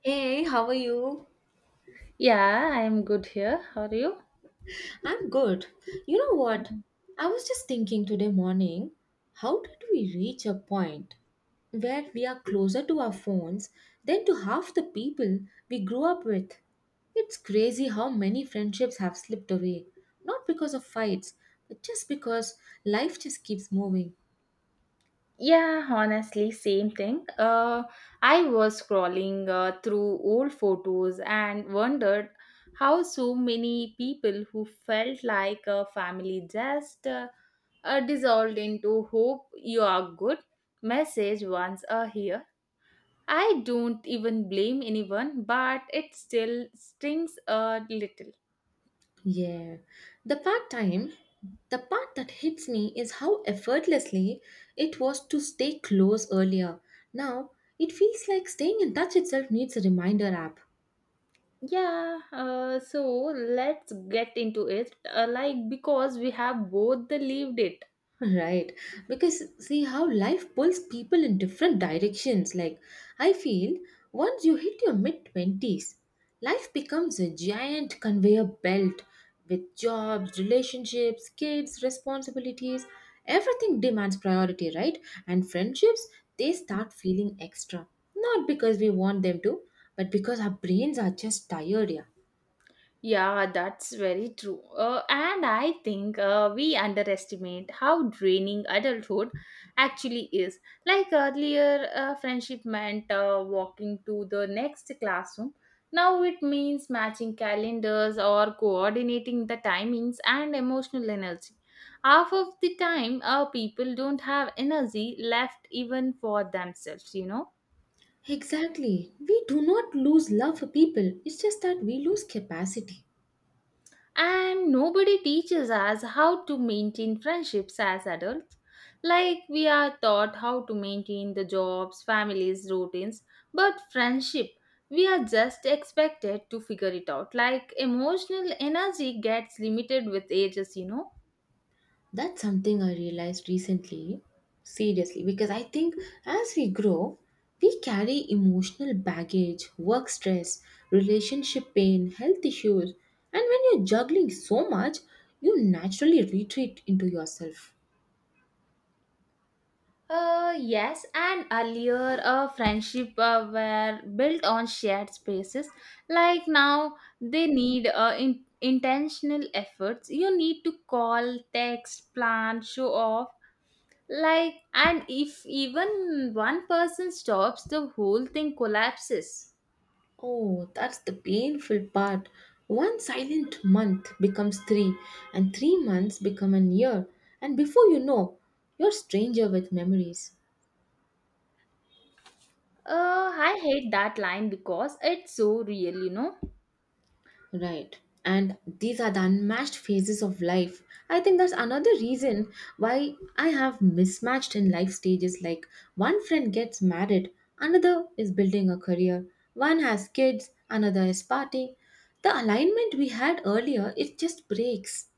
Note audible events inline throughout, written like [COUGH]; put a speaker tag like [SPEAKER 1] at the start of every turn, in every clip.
[SPEAKER 1] Hey, how are you?
[SPEAKER 2] Yeah, I'm good here. How are you?
[SPEAKER 1] I'm good. You know what? I was just thinking today morning, how did we reach a point where we are closer to our phones than to half the people we grew up with? It's crazy how many friendships have slipped away, not because of fights, but just because life just keeps moving.
[SPEAKER 2] Yeah, honestly, same thing. I was scrolling through old photos and wondered how so many people who felt like a family just dissolved into hope you are good message once a here. I don't even blame anyone, but it still stings a little.
[SPEAKER 1] Yeah. The part time, the part that hits me is how effortlessly it was to stay close earlier. Now, it feels like staying in touch itself needs a reminder app.
[SPEAKER 2] Yeah, so let's get into it. Like, because we have both the lived it.
[SPEAKER 1] Right, because see how life pulls people in different directions. Like, I feel once you hit your mid 20s, life becomes a giant conveyor belt with jobs, relationships, kids, responsibilities. Everything demands priority, right? And friendships, they start feeling extra. Not because we want them to, but because our brains are just tired, yeah.
[SPEAKER 2] Yeah, that's very true. And I think we underestimate how draining adulthood actually is. Like earlier, friendship meant walking to the next classroom. Now it means matching calendars or coordinating the timings and emotional energy. Half of the time, people don't have energy left even for themselves, you know.
[SPEAKER 1] Exactly. We do not lose love for people, it's just that we lose capacity.
[SPEAKER 2] And nobody teaches us how to maintain friendships as adults like we are taught how to maintain the jobs families routines, but friendship we are just expected to figure it out, like emotional energy gets limited with ages, you know.
[SPEAKER 1] That's something I realized recently, seriously, because I think as we grow, we carry emotional baggage, work stress, relationship pain, health issues, and when you're juggling so much, you naturally retreat into yourself.
[SPEAKER 2] Yes, and earlier a friendship were built on shared spaces. Like now, they need intentional efforts. You need to call, text, plan, show off. Like, and if even one person stops, the whole thing collapses.
[SPEAKER 1] Oh, that's the painful part. One silent month becomes 3, and 3 months become an year, and before you know, you're a stranger with memories.
[SPEAKER 2] I hate that line because it's so real, you know.
[SPEAKER 1] Right. And these are the unmatched phases of life. I think that's another reason why I have mismatched in life stages like one friend gets married, another is building a career, one has kids, another is partying. The alignment we had earlier, it just breaks.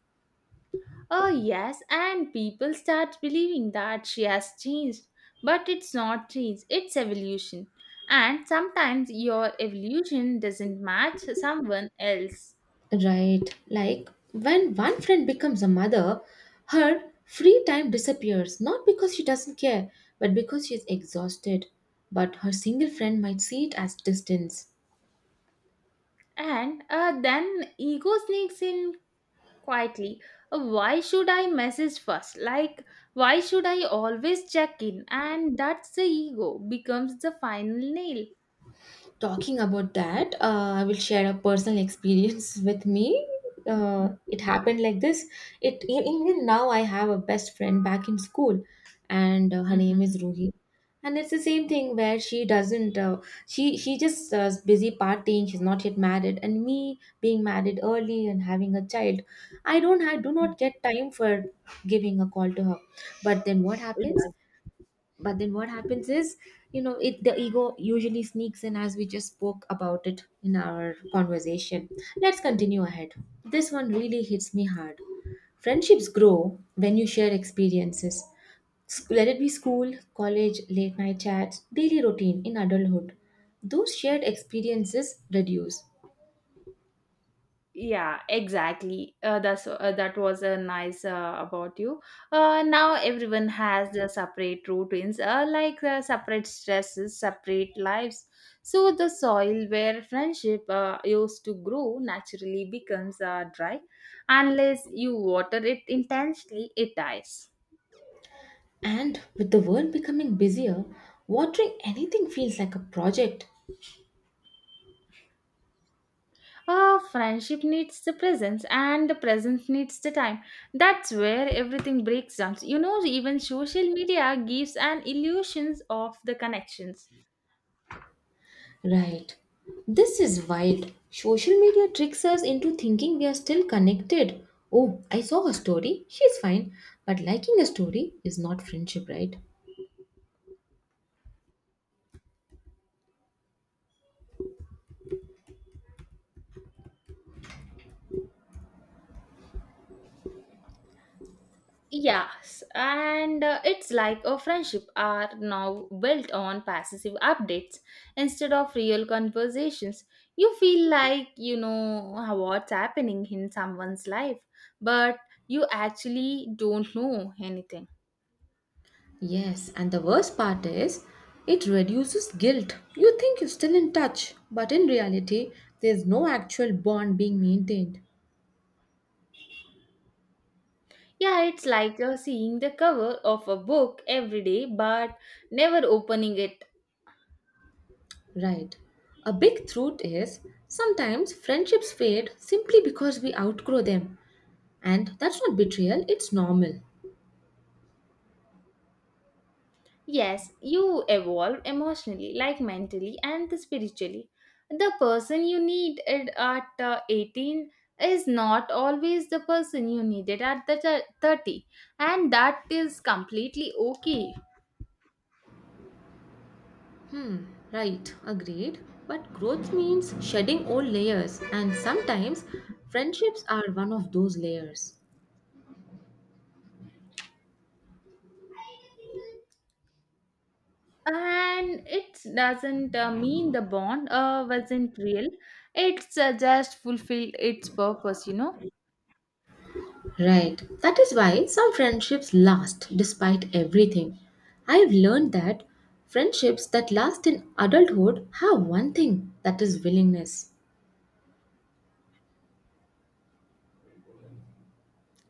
[SPEAKER 2] Oh, yes, and people start believing that she has changed. But it's not change, it's evolution. And sometimes your evolution doesn't match someone else.
[SPEAKER 1] Right. Like when one friend becomes a mother, her free time disappears, not because she doesn't care, but because she's exhausted. But her single friend might see it as distance.
[SPEAKER 2] And then ego sneaks in quietly. Why should I message first? Like, why should I always check in? And that's the ego becomes the final nail.
[SPEAKER 1] Talking about that, I will share a personal experience [LAUGHS] with me.
[SPEAKER 2] Mhm,
[SPEAKER 1] It happened like this. It even now I have a best friend back in school, and her name is
[SPEAKER 2] mhm,
[SPEAKER 1] Ruhi. And it's the same thing where she doesn't. She just is busy partying. She's not yet married, and me being married early and having a child, I don't. I do not get time for giving a call to her. But then what happens?
[SPEAKER 2] mhm.
[SPEAKER 1] But then what happens is, you know, it the ego usually sneaks in, as we just spoke about it in our conversation. Let's continue ahead. This one really hits me hard. Friendships grow when you share experiences. Let it be school, college, late night chats, daily routine. In adulthood, those shared experiences reduce.
[SPEAKER 2] Yeah, exactly. That was a nice about you. Now everyone has their separate routines, like separate stresses, separate lives. So the soil where friendship used to grow naturally becomes dry, unless you water it intensely. It dies.
[SPEAKER 1] And with the world becoming busier, watering anything feels like a project.
[SPEAKER 2] Ah, friendship needs the presence, and the presence needs the time. That's where everything breaks down. You know, even social media gives an illusions of the connections.
[SPEAKER 1] Right. This is wild. Social media tricks us into thinking we are still connected. Oh, I saw her story. She's fine. But liking a story is not friendship, right?
[SPEAKER 2] Yes, and it's like a friendship are now built on passive updates instead of real conversations. You feel like you know what's happening in someone's life, but you actually don't know anything.
[SPEAKER 1] Yes, and the worst part is it reduces guilt. You think you're still in touch, but in reality, there's no actual bond being maintained.
[SPEAKER 2] Yeah, it's like seeing the cover of a book every day but never opening it.
[SPEAKER 1] Right. A big truth is sometimes friendships fade simply because we outgrow them. And that's not betrayal, it's normal.
[SPEAKER 2] Yes, you evolve emotionally, like mentally and spiritually. The person you need it at 18 is not always the person you needed at the 30, and that is completely okay.
[SPEAKER 1] Hmm, right, agreed. But growth means shedding old layers, and sometimes friendships are one of those layers.
[SPEAKER 2] And it doesn't mean the bond wasn't real, it's just fulfilled its purpose, you know.
[SPEAKER 1] Right, that is why some friendships last despite everything. I have learned that friendships that last in adulthood have one thing, that is willingness.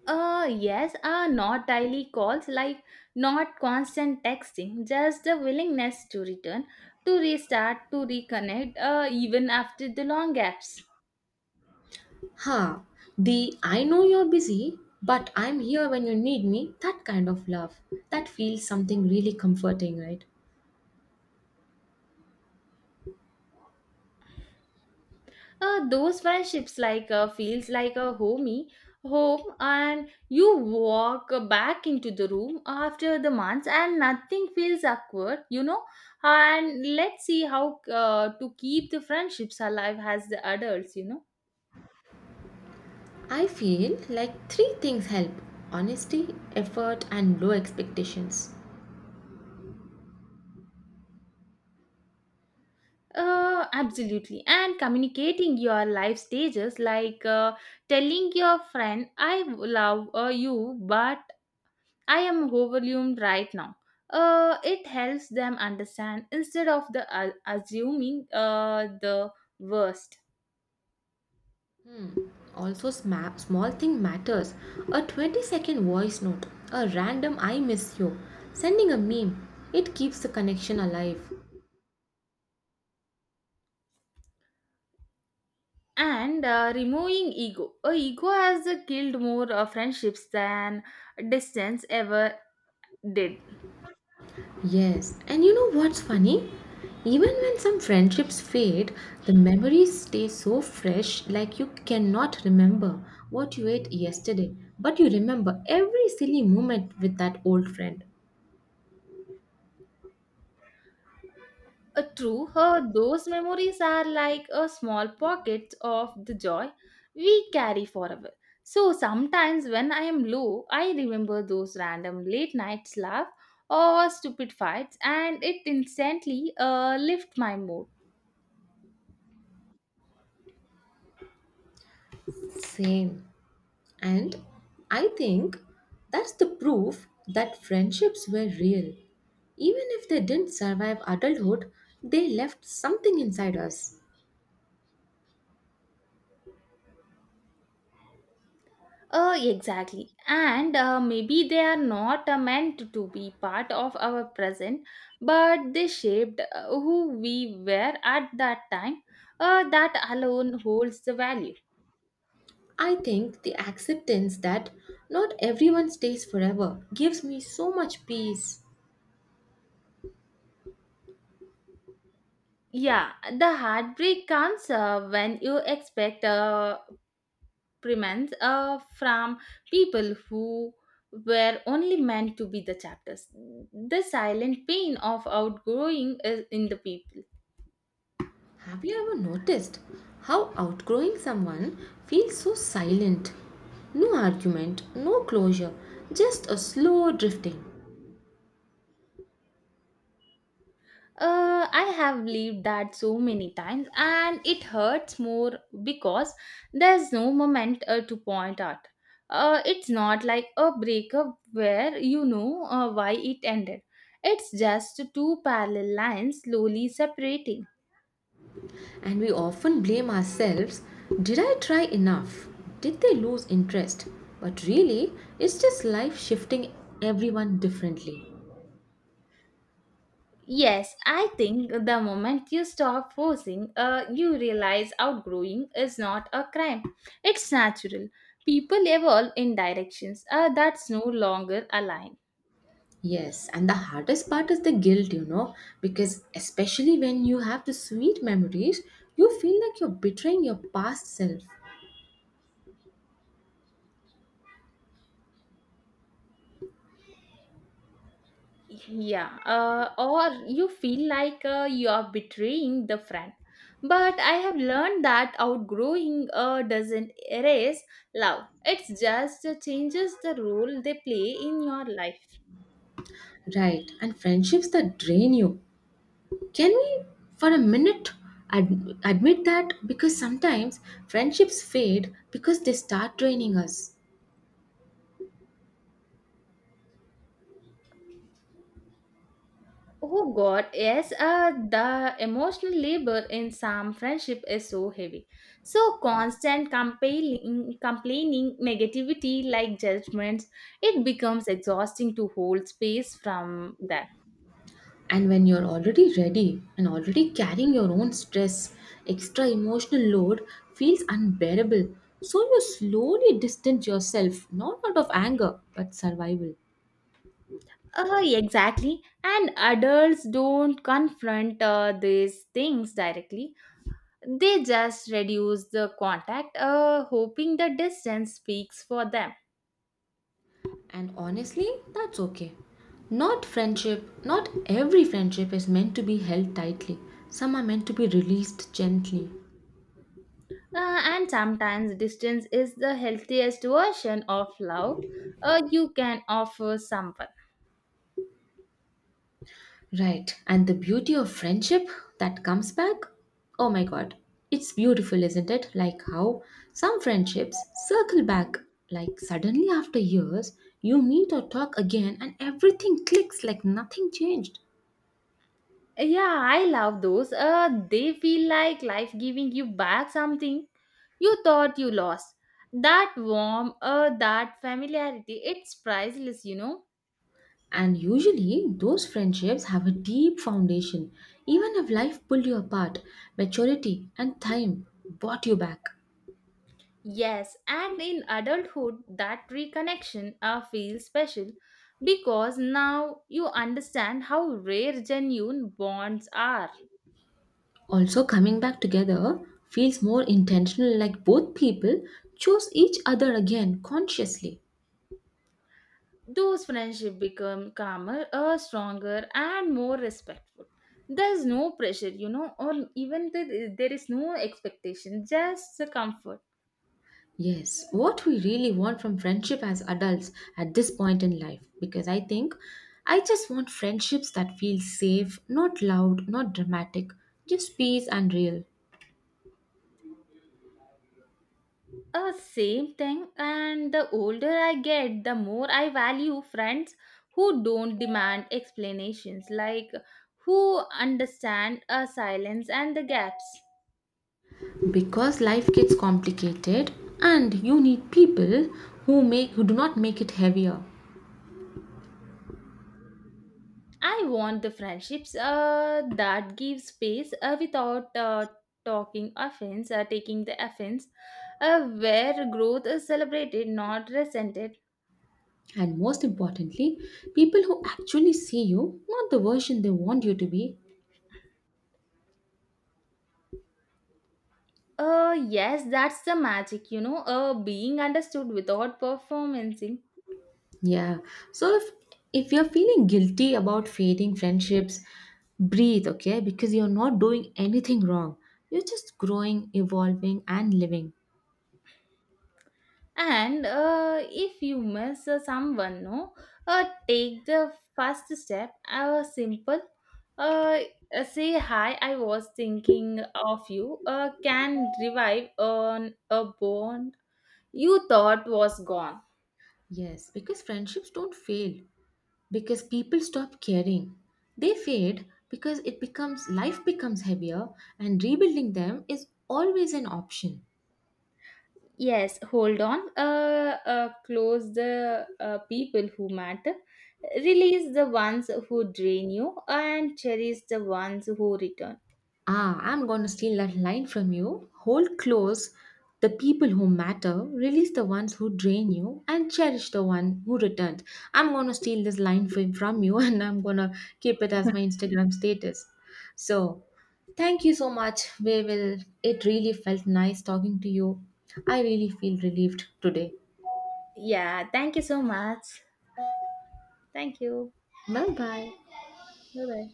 [SPEAKER 2] Yes, not daily calls, like not constant texting, just the willingness to return, to restart, to reconnect, even after the long gaps.
[SPEAKER 1] Ha, the I know you're busy, but I'm here when you need me, that kind of love. That feels something really comforting, right?
[SPEAKER 2] Those friendships like feels like a homey home, and you walk back into the room after the months and nothing feels awkward, you know. And let's see how to keep the friendships alive as the adults, you know.
[SPEAKER 1] I feel like three things help: honesty, effort, and low expectations.
[SPEAKER 2] Absolutely. And communicating your life stages, like telling your friend, I love you, but I am overwhelmed right now. It helps them understand instead of the assuming the worst.
[SPEAKER 1] Also, small thing matters: a 20-second voice note, a random I miss you, sending a meme. It keeps the connection alive.
[SPEAKER 2] And removing ego. Ego has killed more friendships than distance ever did.
[SPEAKER 1] Yes, and you know what's funny? Even when some friendships fade, the memories stay so fresh, like you cannot remember what you ate yesterday, but you remember every silly moment with that old friend.
[SPEAKER 2] True, her those memories are like a small pockets of the joy we carry forever. So sometimes when I am low, I remember those random late nights laugh or stupid fights, and it instantly lift my mood.
[SPEAKER 1] Same. And I think that's the proof that friendships were real. Even if they didn't survive adulthood, they left something inside us.
[SPEAKER 2] Exactly. And maybe they are not meant to be part of our present, but they shaped who we were at that time. That alone holds the value.
[SPEAKER 1] I think the acceptance that not everyone stays forever gives me so much peace.
[SPEAKER 2] Yeah, the heartbreak comes when you expect premiums from people who were only meant to be the chapters. The silent pain of outgrowing is in the people.
[SPEAKER 1] Have you ever noticed how outgrowing someone feels so silent? No argument, no closure, just a slow drifting.
[SPEAKER 2] I have believed that so many times, and it hurts more because there's no moment to point at. It's not like a breakup where you know why it ended. It's just two parallel lines slowly separating.
[SPEAKER 1] And we often blame ourselves: did I try enough? Did they lose interest? But really, it's just life shifting everyone differently.
[SPEAKER 2] Yes, I think the moment you stop forcing, you realize outgrowing is not a crime. It's natural. People evolve in directions that's no longer aligned.
[SPEAKER 1] Yes, and the hardest part is the guilt, you know, because especially when you have the sweet memories, you feel like you're betraying your past self.
[SPEAKER 2] Yeah, or you feel like you are betraying the friend. But I have learned that outgrowing doesn't erase love, it just changes the role they play in your life.
[SPEAKER 1] Right, and friendships that drain you. Can we, for a minute, admit that? Because sometimes friendships fade because they start draining us.
[SPEAKER 2] Oh God, yes, the emotional labor in some friendship is so heavy. So constant complaining, negativity like judgments, it becomes exhausting to hold space from that.
[SPEAKER 1] And when you're already ready and already carrying your own stress, extra emotional load feels unbearable. So you slowly distance yourself, not out of anger, but survival.
[SPEAKER 2] Exactly. And adults don't confront these things directly. They just reduce the contact, hoping the distance speaks for them.
[SPEAKER 1] And honestly, that's okay. Not every friendship is meant to be held tightly. Some are meant to be released gently.
[SPEAKER 2] And sometimes distance is the healthiest version of love you can offer someone.
[SPEAKER 1] Right. And the beauty of friendship that comes back? Oh my god. It's beautiful, isn't it? Like how some friendships circle back. Like suddenly after years, you meet or talk again and everything clicks like nothing changed.
[SPEAKER 2] Yeah, I love those. They feel like life giving you back something you thought you lost. That warmth, that familiarity, it's priceless, you know.
[SPEAKER 1] And usually, those friendships have a deep foundation. Even if life pulled you apart, maturity and time brought you back.
[SPEAKER 2] Yes, and in adulthood, that reconnection feels special because now you understand how rare genuine bonds are.
[SPEAKER 1] Also, coming back together feels more intentional, like both people choose each other again consciously.
[SPEAKER 2] Those friendships become calmer, stronger, and more respectful. There's no pressure, you know, or even there is no expectation, just the comfort.
[SPEAKER 1] Yes, what we really want from friendship as adults at this point in life, because I think I just want friendships that feel safe, not loud, not dramatic, just peace and real.
[SPEAKER 2] Same thing. And the older I get, the more I value friends who don't demand explanations, like who understand a silence and the gaps.
[SPEAKER 1] Because life gets complicated and you need people who do not make it heavier.
[SPEAKER 2] I want the friendships that give space without talking offense, taking the offense, where growth is celebrated, not resented.
[SPEAKER 1] And most importantly, people who actually see you, not the version they want you to be.
[SPEAKER 2] Yes, that's the magic, you know, being understood without performancing.
[SPEAKER 1] Yeah. So if you're feeling guilty about fading friendships, breathe, okay? Because you're not doing anything wrong. You're just growing, evolving and living.
[SPEAKER 2] And if you miss someone, no, take the first step, simple, uh, say hi, I was thinking of you, can revive on a bone you thought was gone.
[SPEAKER 1] Yes, because friendships don't fail because people stop caring. They fade because it becomes life becomes heavier, and rebuilding them is always an option.
[SPEAKER 2] Yes, hold on, close the people who matter, release the ones who drain you, and cherish the ones who return.
[SPEAKER 1] Ah, I'm gonna steal that line from you. Hold close the people who matter, release the ones who drain you, and cherish the one who returned. I'm gonna steal this line from you [LAUGHS] and I'm gonna keep it as my Instagram status. So, thank you so much. We will, it really felt nice talking to you. I really feel relieved today.
[SPEAKER 2] Yeah, thank you so much. Thank you.
[SPEAKER 1] Bye bye.
[SPEAKER 2] Bye bye.